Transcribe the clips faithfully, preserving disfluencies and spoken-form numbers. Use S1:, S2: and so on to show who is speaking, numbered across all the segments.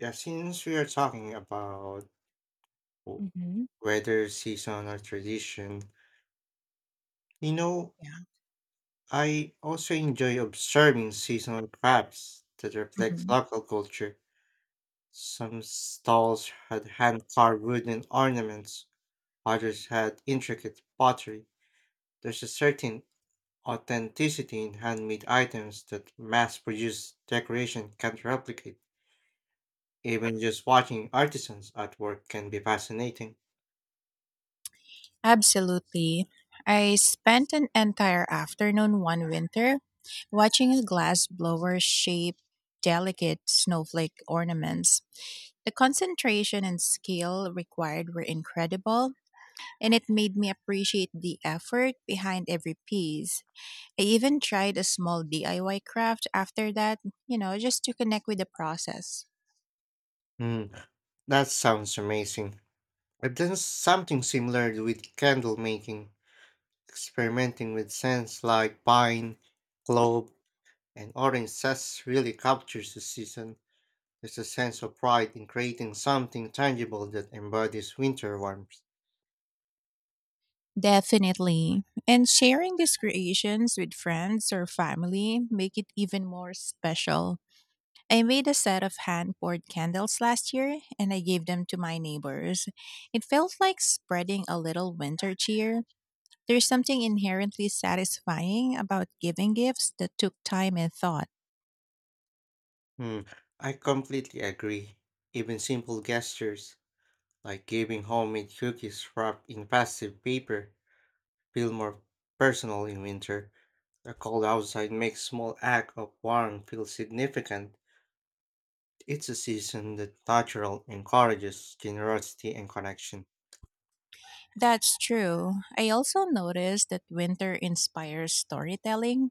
S1: Yeah, since we are talking about w-
S2: Mhm.
S1: weather, season, or tradition, you know,
S2: Yeah.
S1: I also enjoy observing seasonal crafts that reflect
S2: hmm
S1: local culture. Some stalls had hand carved wooden ornaments, others had intricate pottery. There's a certain authenticity in handmade items that mass produced decoration can't replicate. Even just watching artisans at work can be fascinating.
S2: Absolutely. I spent an entire afternoon one winter watching a glass blower shape delicate snowflake ornaments. The concentration and skill required were incredible, and it made me appreciate the effort behind every piece. I even tried a small D I Y craft after that, you know, just to connect with the process.
S1: That sounds amazing. I've done something similar with candle making, experimenting with scents like pine, clove, and orange zest really captures the season. There's a sense of pride in creating something tangible that embodies winter warmth.
S2: Definitely. And sharing these creations with friends or family make it even more special. I made a set of hand-poured candles last year and I gave them to my neighbors. It felt like spreading a little winter cheer. There's something inherently satisfying about giving gifts that took time and thought.
S1: Hmm, I completely agree. Even simple gestures, like giving homemade cookies wrapped in festive paper, feel more personal in winter. The cold outside makes small act of warmth feel significant. It's a season that natural encourages generosity and connection.
S2: That's true. I also noticed that winter inspires storytelling.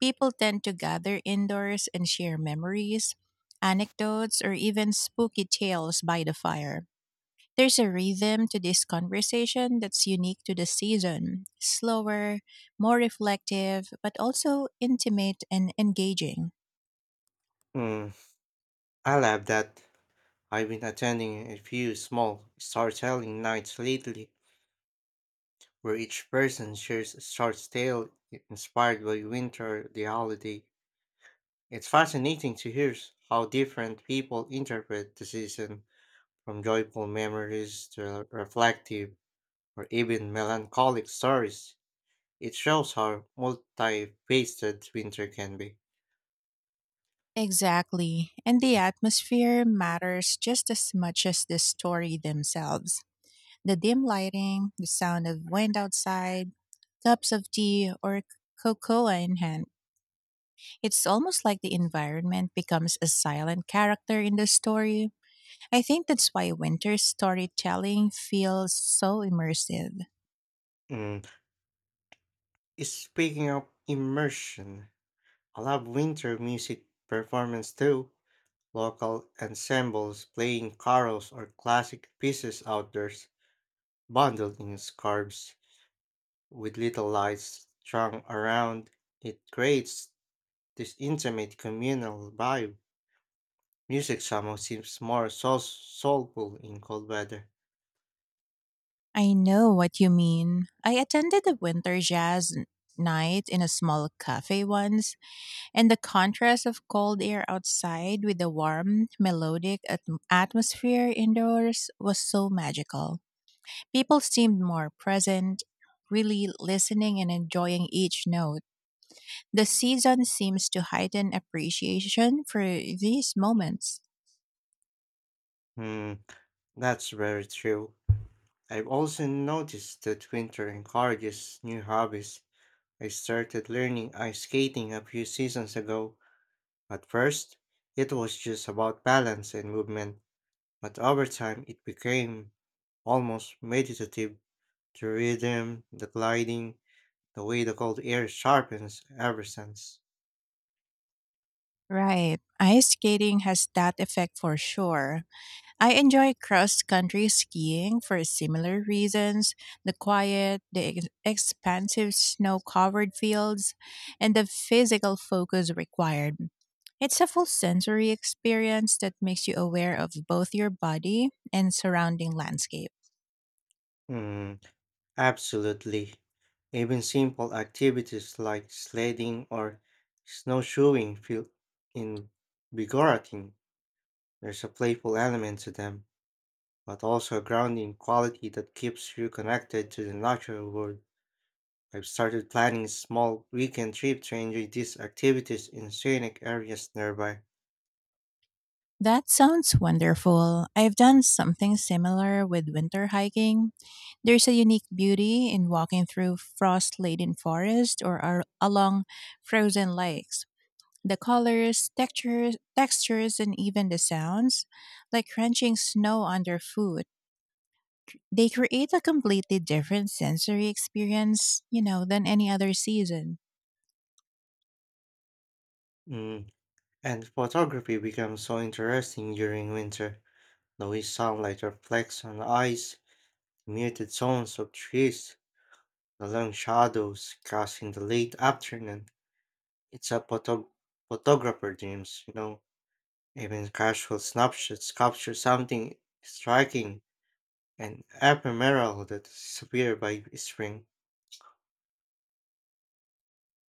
S2: People tend to gather indoors and share memories, anecdotes, or even spooky tales by the fire. There's a rhythm to this conversation that's unique to the season, slower, more reflective, but also intimate and engaging.
S1: Mm, I love that. I've been attending a few small storytelling nights lately, where each person shares a short tale inspired by winter or the holiday. It's fascinating to hear how different people interpret the season, from joyful memories to reflective or even melancholic stories. It shows how multifaceted winter can be.
S2: Exactly. And the atmosphere matters just as much as the story themselves. The dim lighting, the sound of wind outside, cups of tea, or cocoa in hand. It's almost like the environment becomes a silent character in the story. I think that's why winter storytelling feels so immersive.
S1: Mm. Speaking of immersion, I love winter music performance too. Local ensembles playing carols or classic pieces outdoors, bundled in scarves, with little lights strung around. It creates this intimate communal vibe. Music somehow seems more soul- soulful in cold weather.
S2: I know what you mean. I attended a winter jazz n- night in a small cafe once, and the contrast of cold air outside with the warm, melodic atm atmosphere indoors was so magical. People seemed more present, really listening and enjoying each note. The season seems to heighten appreciation for these moments.
S1: Hmm, that's very true. I've also noticed that winter encourages new hobbies. I started learning ice skating a few seasons ago. At first, it was just about balance and movement, but over time it became almost meditative. The rhythm, the gliding, the way the cold air sharpens ever since.
S2: Right. Ice skating has that effect for sure. I enjoy cross country skiing for similar reasons, the quiet, the ex- expansive snow covered fields, and the physical focus required. It's a full sensory experience that makes you aware of both your body and surrounding landscape.
S1: Mm, absolutely. Even simple activities like sledding or snowshoeing feel invigorating. There's a playful element to them, but also a grounding quality that keeps you connected to the natural world. I've started planning small weekend trip to enjoy these activities in scenic areas nearby.
S2: That sounds wonderful. I've done something similar with winter hiking. There's a unique beauty in walking through frost laden forest or ar- along frozen lakes. The colors, textures, textures, and even the sounds, like crunching snow underfoot, they create a completely different sensory experience, you know, than any other season.
S1: Mm. And photography becomes so interesting during winter. The way sunlight reflects on ice, the muted tones of trees, the long shadows cast in the late afternoon. It's a photo- photographer dreams, you know. Even casual snapshots capture something striking and ephemeral that disappears by spring.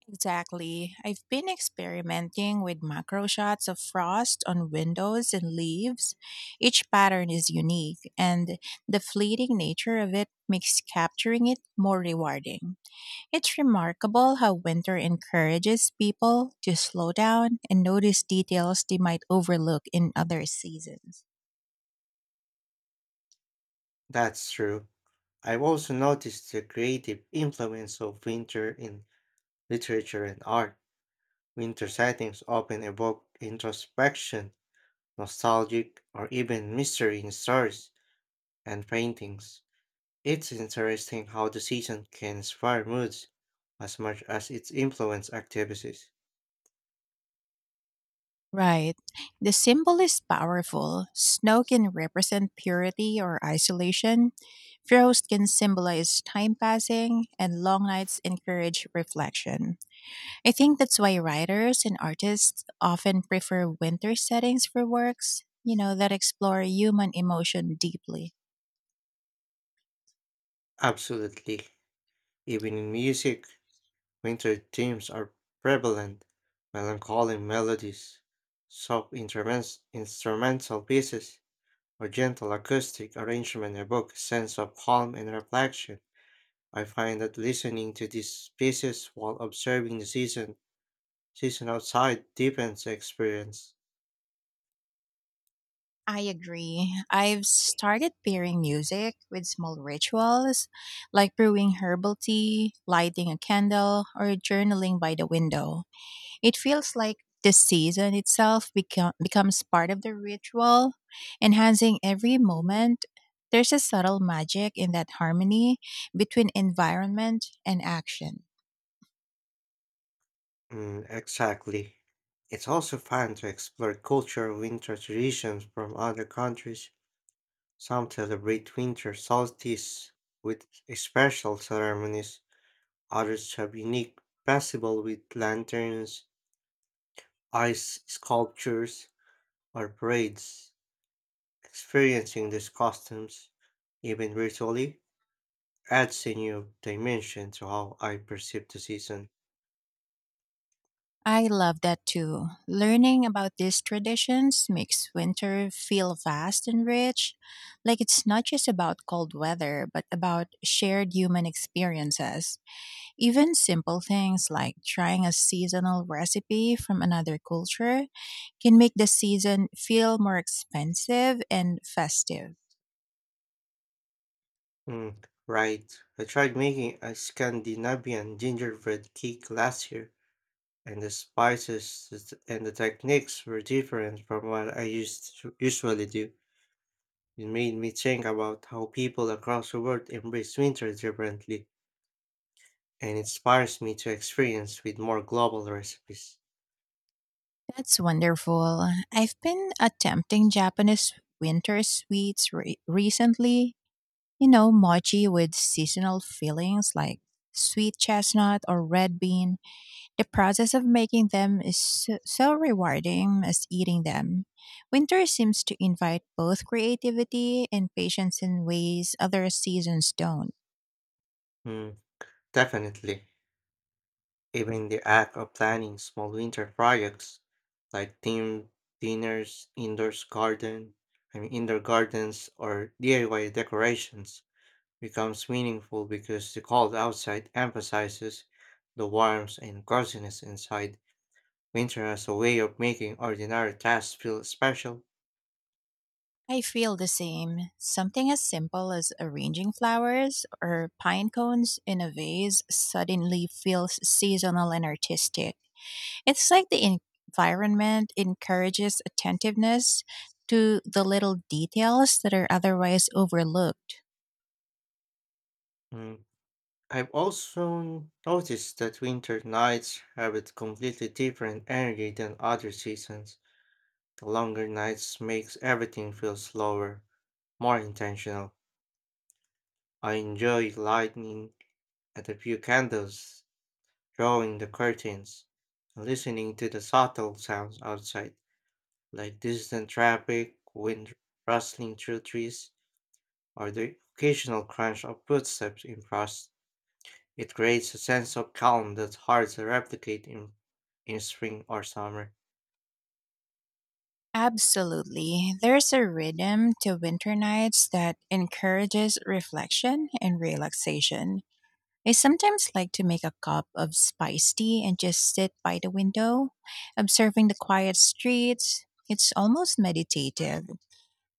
S2: Exactly. I've been experimenting with macro shots of frost on windows and leaves. Each pattern is unique, and the fleeting nature of it makes capturing it more rewarding. It's remarkable how winter encourages people to slow down and notice details they might overlook in other seasons.
S1: That's true. I've also noticed the creative influence of winter in literature and art. Winter settings often evoke introspection, nostalgic, or even mystery in stories and paintings. It's interesting how the season can inspire moods as much as it influences activities.
S2: Right. The symbol is powerful. Snow can represent purity or isolation. Frost can symbolize time passing, and long nights encourage reflection. I think that's why writers and artists often prefer winter settings for works, you know, that explore human emotion deeply.
S1: Absolutely. Even in music, winter themes are prevalent, melancholy melodies, soft intermens- instrumental pieces, or gentle acoustic arrangement evoke a sense of calm and reflection. I find that listening to these pieces while observing the season, season outside deepens the experience.
S2: I agree. I've started pairing music with small rituals like brewing herbal tea, lighting a candle, or journaling by the window. It feels like the season itself become, becomes part of the ritual, enhancing every moment. There's a subtle magic in that harmony between environment and action.
S1: Mm, exactly. It's also fun to explore cultural winter traditions from other countries. Some celebrate winter solstice with special ceremonies. Others have unique festival with lanterns, ice sculptures, or parades. Experiencing these costumes, even virtually, adds a new dimension to how I perceive the season.
S2: I love that too. Learning about these traditions makes winter feel vast and rich, like it's not just about cold weather, but about shared human experiences. Even simple things like trying a seasonal recipe from another culture can make the season feel more expensive and festive.
S1: Mm, right. I tried making a Scandinavian gingerbread cake last year, and the spices th- and the techniques were different from what I used to usually do. It made me think about how people across the world embrace winter differently, and inspires me to experience with more global recipes.
S2: That's wonderful. I've been attempting Japanese winter sweets re- recently. You know, mochi with seasonal fillings like sweet chestnut or red bean. The process of making them is so, so rewarding as eating them. Winter seems to invite both creativity and patience in ways other seasons don't.
S1: Mm, definitely. Even the act of planning small winter projects like themed dinners, indoor garden, I mean indoor gardens or D I Y decorations becomes meaningful because the cold outside emphasizes the warmth and coziness inside. Winter has a way of making ordinary tasks feel special.
S2: I feel the same. Something as simple as arranging flowers or pine cones in a vase suddenly feels seasonal and artistic. It's like the environment encourages attentiveness to the little details that are otherwise overlooked.
S1: Hmm, I've also noticed that winter nights have a completely different energy than other seasons. The longer nights makes everything feel slower, more intentional. I enjoy lighting and a few candles, drawing the curtains, and listening to the subtle sounds outside, like distant traffic, wind rustling through trees, or the occasional crunch of footsteps in frost. It creates a sense of calm that's hard to replicate in, in spring or summer.
S2: Absolutely. There's a rhythm to winter nights that encourages reflection and relaxation. I sometimes like to make a cup of spice tea and just sit by the window, observing the quiet streets. It's almost meditative.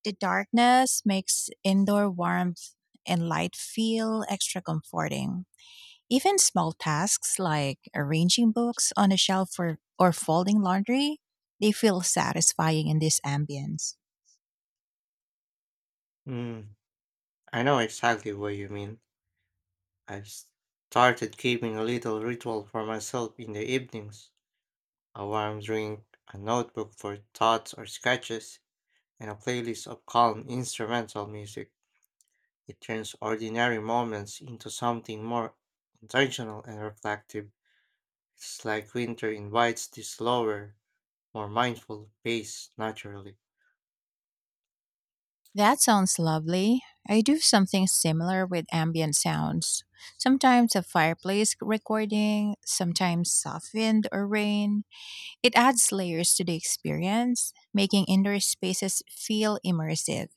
S2: The darkness makes indoor warmth and light feel extra comforting. Even small tasks like arranging books on a shelf or, or folding laundry, they feel satisfying in this ambience.
S1: Mm, I know exactly what you mean. I've s- started keeping a little ritual for myself in the evenings, a warm drink, a notebook for thoughts or sketches, and a playlist of calm instrumental music. It turns ordinary moments into something more intentional and reflective. It's like winter invites this slower, more mindful pace naturally.
S2: That sounds lovely. I do something similar with ambient sounds. Sometimes a fireplace recording, sometimes soft wind or rain. It adds layers to the experience, making indoor spaces feel immersive.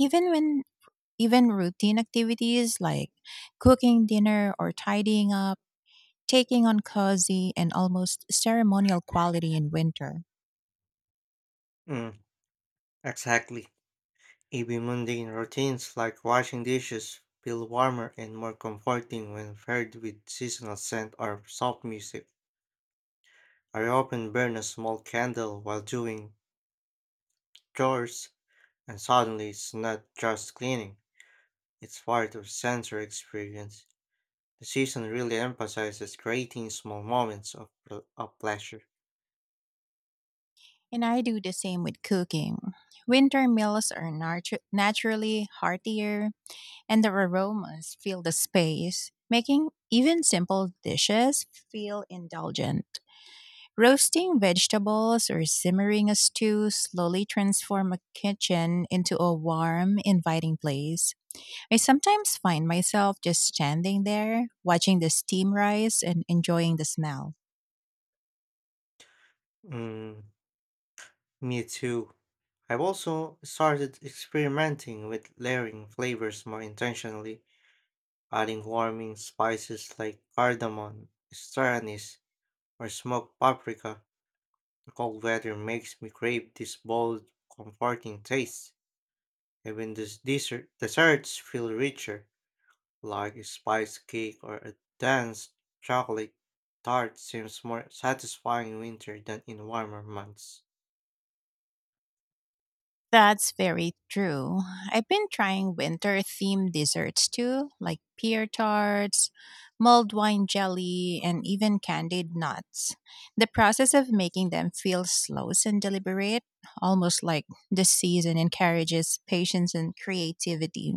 S2: Even when even routine activities like cooking dinner or tidying up, taking on cozy and almost ceremonial quality in winter.
S1: Mm. Exactly. Even mundane routines like washing dishes feel warmer and more comforting when paired with seasonal scent or soft music. I often burn a small candle while doing chores, and suddenly it's not just cleaning, it's part of sensory experience. The season really emphasizes creating small moments of, pl- of pleasure.
S2: And I do the same with cooking. Winter meals are natu- naturally heartier, and the aromas fill the space, making even simple dishes feel indulgent. Roasting vegetables or simmering a stew slowly transform a kitchen into a warm, inviting place. I sometimes find myself just standing there, watching the steam rise and enjoying the smell.
S1: Mm, me too. I've also started experimenting with layering flavors more intentionally, adding warming spices like cardamom, star anise, or smoked paprika. The cold weather makes me crave this bold, comforting taste. Even these dessert, desserts feel richer, like a spice cake or a dense chocolate tart seems more satisfying in winter than in warmer months.
S2: That's very true. I've been trying winter themed desserts too, like pear tarts, mulled wine jelly, and even candied nuts. The process of making them feels slow and deliberate, almost like the season encourages patience and creativity.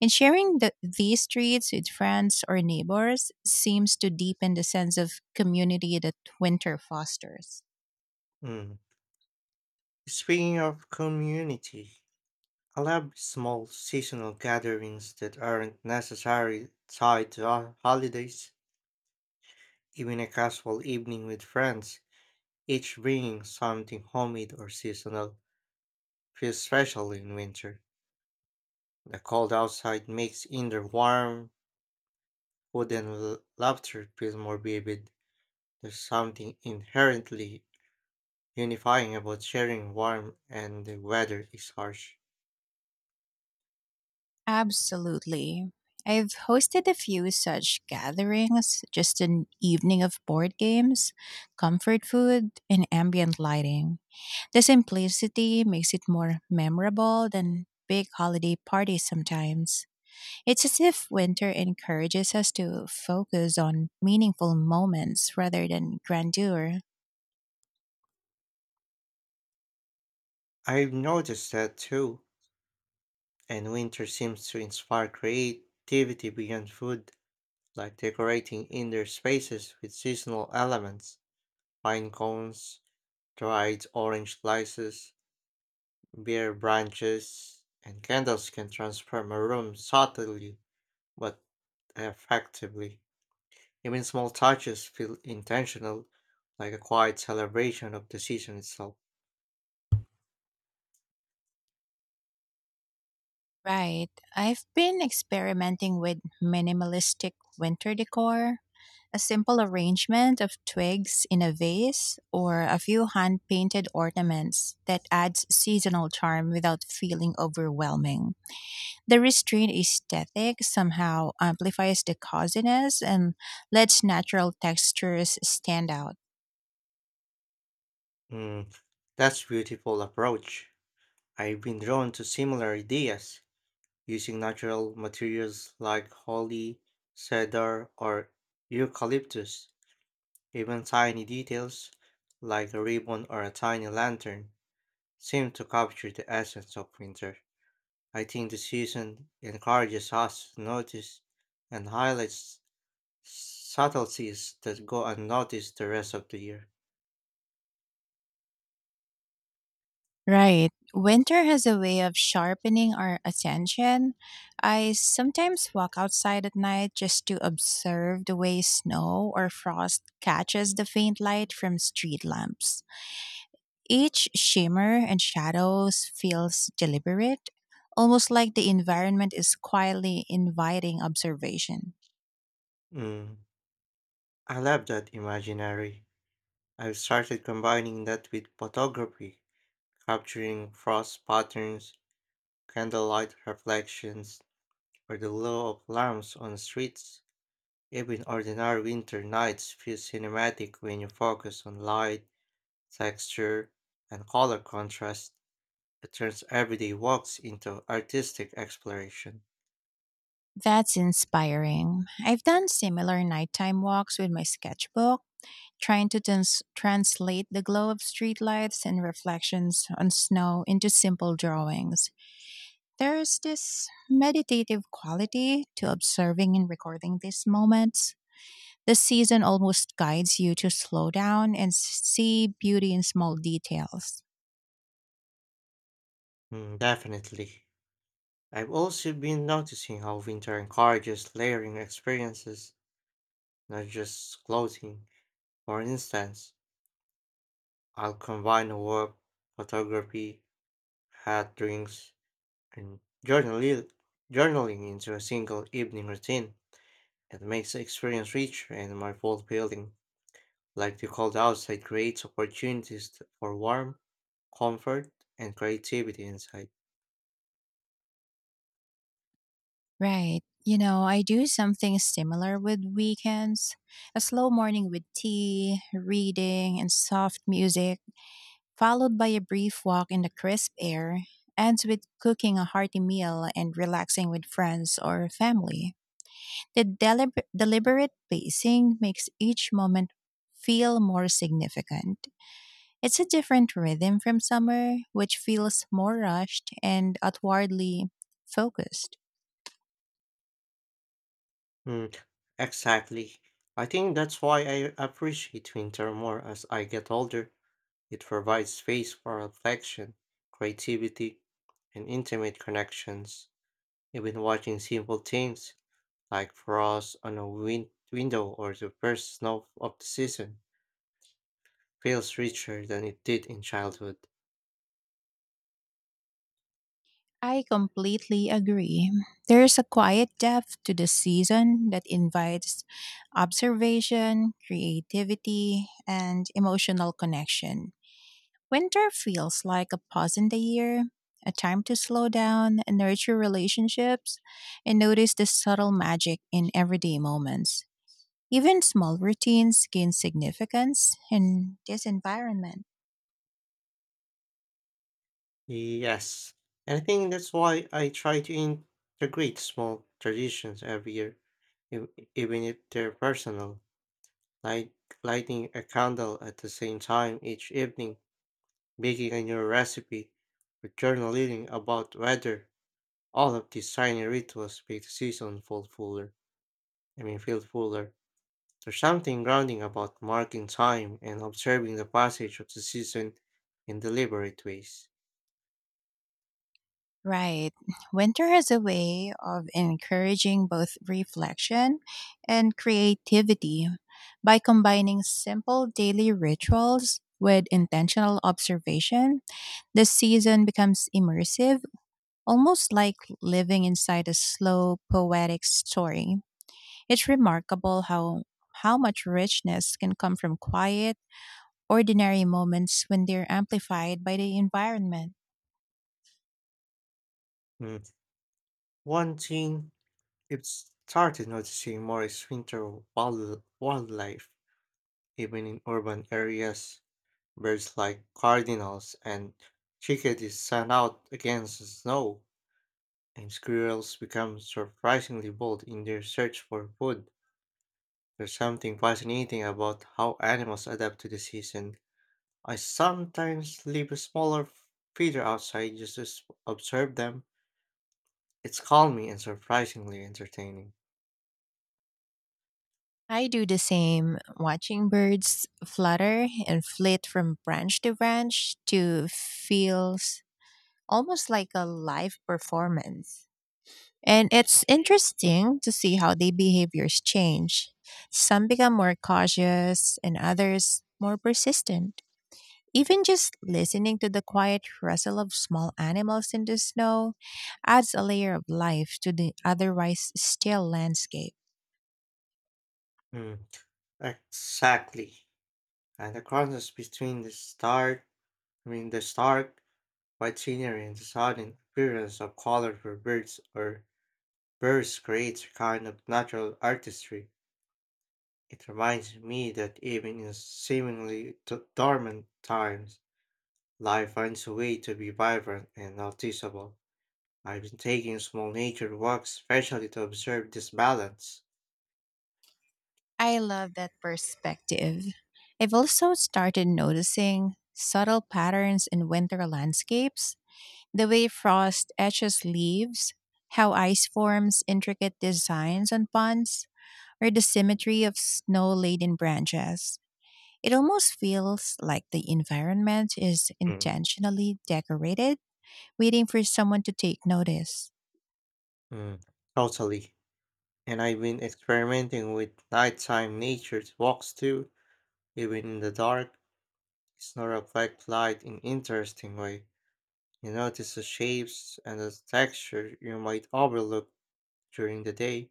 S2: And sharing the, these treats with friends or neighbors seems to deepen the sense of community that winter fosters.
S1: Mm. Speaking of community, I love small seasonal gatherings that aren't necessarily tied to ho- holidays. Even a casual evening with friends, each bringing something homemade or seasonal, feels special in winter. The cold outside makes indoor warm, food and l- laughter feel more vivid. There's something inherently unifying about sharing warm and the weather is harsh.
S2: Absolutely. I've hosted a few such gatherings, just an evening of board games, comfort food, and ambient lighting. The simplicity makes it more memorable than big holiday parties sometimes. It's as if winter encourages us to focus on meaningful moments rather than grandeur.
S1: I've noticed that too, and winter seems to inspire creativity beyond food, like decorating indoor spaces with seasonal elements, pine cones, dried orange slices, beer branches, and candles can transform a room subtly but effectively. Even small touches feel intentional, like a quiet celebration of the season itself.
S2: Right. I've been experimenting with minimalistic winter decor. A simple arrangement of twigs in a vase or a few hand painted ornaments that adds seasonal charm without feeling overwhelming. The restrained aesthetic somehow amplifies the coziness and lets natural textures stand out.
S1: Mm, that's beautiful approach. I've been drawn to similar ideas, using natural materials like holly, cedar, or eucalyptus. Even tiny details, like a ribbon or a tiny lantern, seem to capture the essence of winter. I think the season encourages us to notice and highlights subtleties that go unnoticed the rest of the year.
S2: Right. Winter has a way of sharpening our attention. I sometimes walk outside at night just to observe the way snow or frost catches the faint light from street lamps. Each shimmer and shadows feels deliberate, almost like the environment is quietly inviting observation.
S1: Mm, I love that imaginary. I've started combining that with photography, capturing frost patterns, candlelight reflections, or the glow of lamps on streets. Even ordinary winter nights feel cinematic when you focus on light, texture, and color contrast, it turns everyday walks into artistic exploration.
S2: That's inspiring. I've done similar nighttime walks with my sketchbook, trying to trans- translate the glow of streetlights and reflections on snow into simple drawings. There's this meditative quality to observing and recording these moments. This season almost guides you to slow down and see beauty in small details.
S1: Mm, definitely. I've also been noticing how winter encourages layering experiences, not just clothing. For instance, I'll combine work, photography, hat drinks, and journali- journaling into a single evening routine. It makes the experience richer and more fulfilling. Like the cold outside creates opportunities t- for warmth, comfort, and creativity inside.
S2: Right. You know, I do something similar with weekends, a slow morning with tea, reading, and soft music, followed by a brief walk in the crisp air, ends with cooking a hearty meal and relaxing with friends or family. The delib- deliberate pacing makes each moment feel more significant. It's a different rhythm from summer, which feels more rushed and outwardly focused.
S1: Mm, exactly. I think that's why I appreciate winter more as I get older. It provides space for reflection, creativity, and intimate connections. Even watching simple things like frost on a win- window or the first snow of the season feels richer than it did in childhood.
S2: I completely agree. There's a quiet depth to the season that invites observation, creativity, and emotional connection. Winter feels like a pause in the year, a time to slow down and nurture relationships and notice the subtle magic in everyday moments. Even small routines gain significance in this environment.
S1: Yes, and I think that's why I try to integrate small traditions every year, ev- even if they're personal, like lighting a candle at the same time each evening, making a new recipe, or journaling about weather. All of these tiny rituals make the season feel fuller. I mean, feel fuller. There's something grounding about marking time and observing the passage of the season in deliberate ways.
S2: Right. Winter has a way of encouraging both reflection and creativity by combining simple daily rituals with intentional observation. The season becomes immersive, almost like living inside a slow poetic story. It's remarkable how how much richness can come from quiet ordinary moments when they're amplified by the environment.
S1: Mm. One thing I've started noticing more winter wild, wildlife, even in urban areas. Birds like cardinals and chickadees stand out against the snow, and squirrels become surprisingly bold in their search for food. There's something fascinating about how animals adapt to the season. I sometimes leave a smaller feeder outside just to s- observe them. It's calming and surprisingly entertaining.
S2: I do the same, watching birds flutter and flit from branch to branch to feels almost like a live performance. And it's interesting to see how their behaviors change. Some become more cautious and others more persistent. Even just listening to the quiet rustle of small animals in the snow adds a layer of life to the otherwise still landscape.
S1: Mm, exactly, and the contrast between the stark, I mean the stark white scenery and the sudden appearance of colorful birds or birds creates a kind of natural artistry. It reminds me that even in seemingly d- dormant times, life finds a way to be vibrant and noticeable. I've been taking small nature walks especially to observe this balance.
S2: I love that perspective. I've also started noticing subtle patterns in winter landscapes, the way frost etches leaves, how ice forms intricate designs on ponds, or the symmetry of snow laden branches. It almost feels like the environment is
S1: Mm.
S2: intentionally decorated, waiting for someone to take notice.
S1: Mm, totally. And I've been experimenting with nighttime nature walks too. Even in the dark, it's not a light in interesting way. You notice the shapes and the texture you might overlook during the day.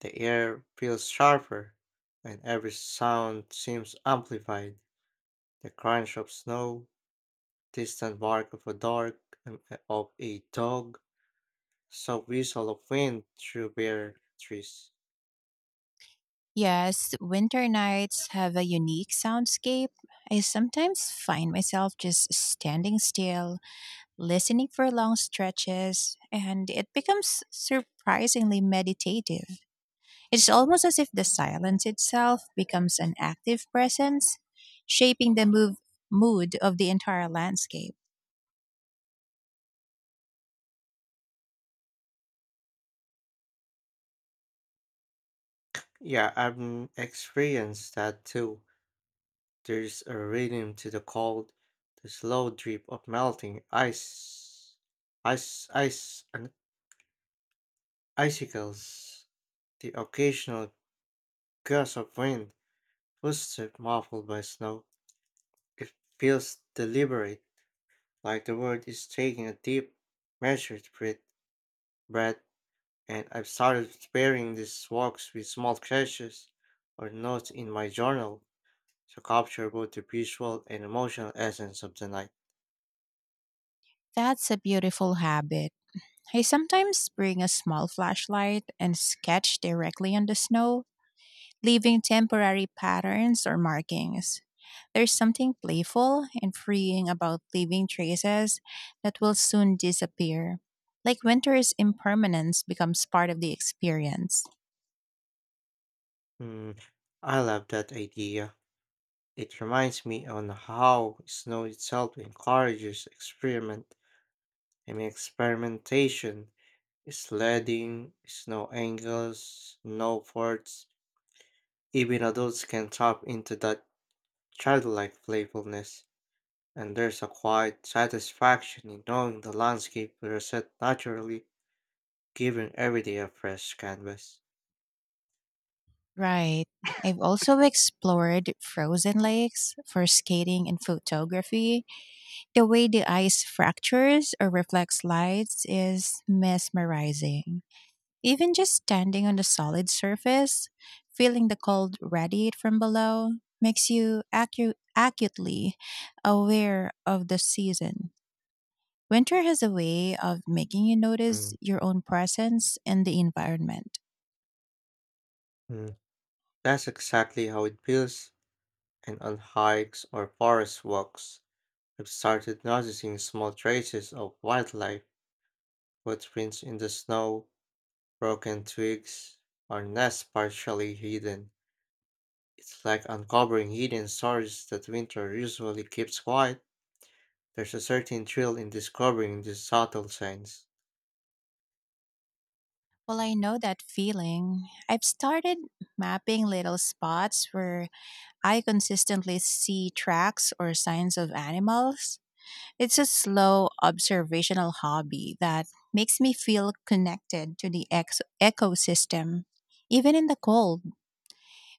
S1: The air feels sharper, and every sound seems amplified. The crunch of snow, distant bark of a dog and of a dog, soft whistle of wind through bare trees.
S2: Yes, winter nights have a unique soundscape. I sometimes find myself just standing still, listening for long stretches, and it becomes surprisingly meditative. It's almost as if the silence itself becomes an active presence, shaping the move, mood of the entire landscape.
S1: Yeah, I've experienced that too. There's a rhythm to the cold, the slow drip of melting ice, ice, ice, and icicles, the occasional gust of wind, footsteps muffled by snow. It feels deliberate, like the world is taking a deep, measured breath, breath, and I've started pairing these walks with small gestures or notes in my journal to capture both the visual and emotional essence of the night.
S2: That's a beautiful habit. I sometimes bring a small flashlight and sketch directly on the snow, leaving temporary patterns or markings. There's something playful and freeing about leaving traces that will soon disappear. Like winter's impermanence becomes part of the experience.
S1: Hmm. I love that idea. It reminds me on how snow itself encourages experiment. I mean experimentation, sledding, snow angles, snow forts. Even adults can tap into that childlike playfulness, and there's a quiet satisfaction in knowing the landscape will reset naturally, giving every day a fresh canvas.
S2: Right. I've also explored frozen lakes for skating and photography. The way the ice fractures or reflects lights is mesmerizing. Even just standing on a solid surface, feeling the cold radiate from below, makes you acu- acutely aware of the season. Winter has a way of making you notice
S1: Mm.
S2: your own presence in the environment.
S1: Mm. That's exactly how it feels, and on hikes or forest walks. I've started noticing small traces of wildlife, footprints in the snow, broken twigs, or nests partially hidden. It's like uncovering hidden stories that winter usually keeps quiet. There's a certain thrill in discovering these subtle signs.
S2: Well, I know that feeling. I've started mapping little spots where I consistently see tracks or signs of animals. It's a slow observational hobby that makes me feel connected to the ex- ecosystem. Even in the cold,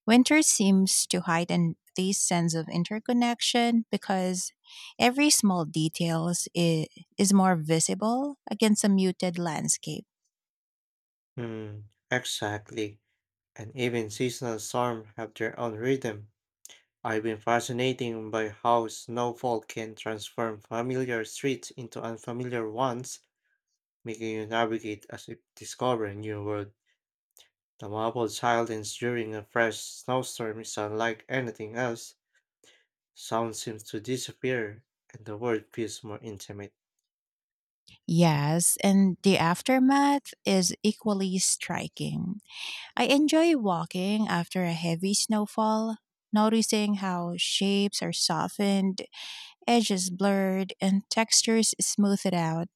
S2: winter seems to heighten this sense of interconnection because every small details i- is more visible against a muted landscape.
S1: Hmm, exactly. And even seasonal storms have their own rhythm. I've been fascinated by how snowfall can transform familiar streets into unfamiliar ones making you navigate as if discovering a new world. The marble silence during a fresh snowstorm is unlike anything else. Sound seems to disappear, and the world feels more intimate.
S2: Yes, and the aftermath is equally striking. I enjoy walking after a heavy snowfall, noticing how shapes are softened, edges blurred, and textures smoothed out.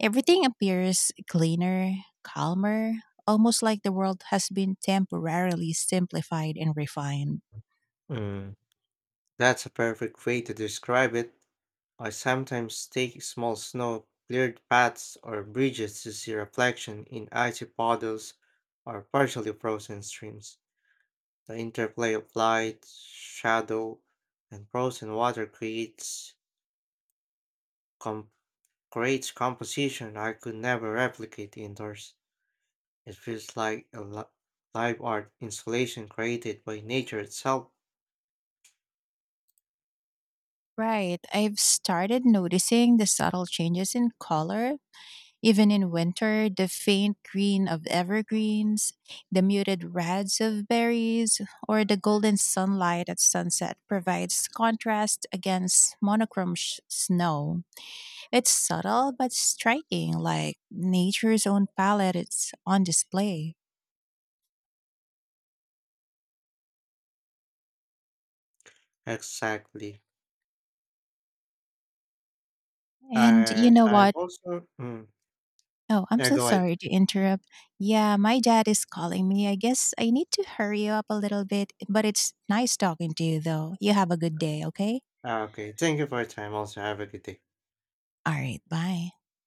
S2: Everything appears cleaner, calmer, almost like the world has been temporarily simplified and refined.
S1: Mm, that's a perfect way to describe it. I sometimes take small snow cleared paths or bridges to see reflection in icy puddles or partially frozen streams. The interplay of light, shadow, and frozen water creates creates composition I could never replicate indoors. It feels like a li- live art installation created by nature itself.
S2: Right. I've started noticing the subtle changes in color. Even in winter, the faint green of evergreens, the muted reds of berries, or the golden sunlight at sunset provides contrast against monochrome sh- snow. It's subtle but striking, like nature's own palette. It's on display.
S1: Exactly.
S2: And you
S1: And
S2: know
S1: I've
S2: what?
S1: also. Mm,
S2: Oh, I'm
S1: yeah,
S2: so
S1: go ahead.
S2: sorry to interrupt. Yeah, my dad is calling me. I guess I need to hurry you up a little bit, but it's nice talking to you, though. You have a good day, okay?
S1: Ah, Okay. Thank you for your time. Also, have a good day.
S2: All right, bye.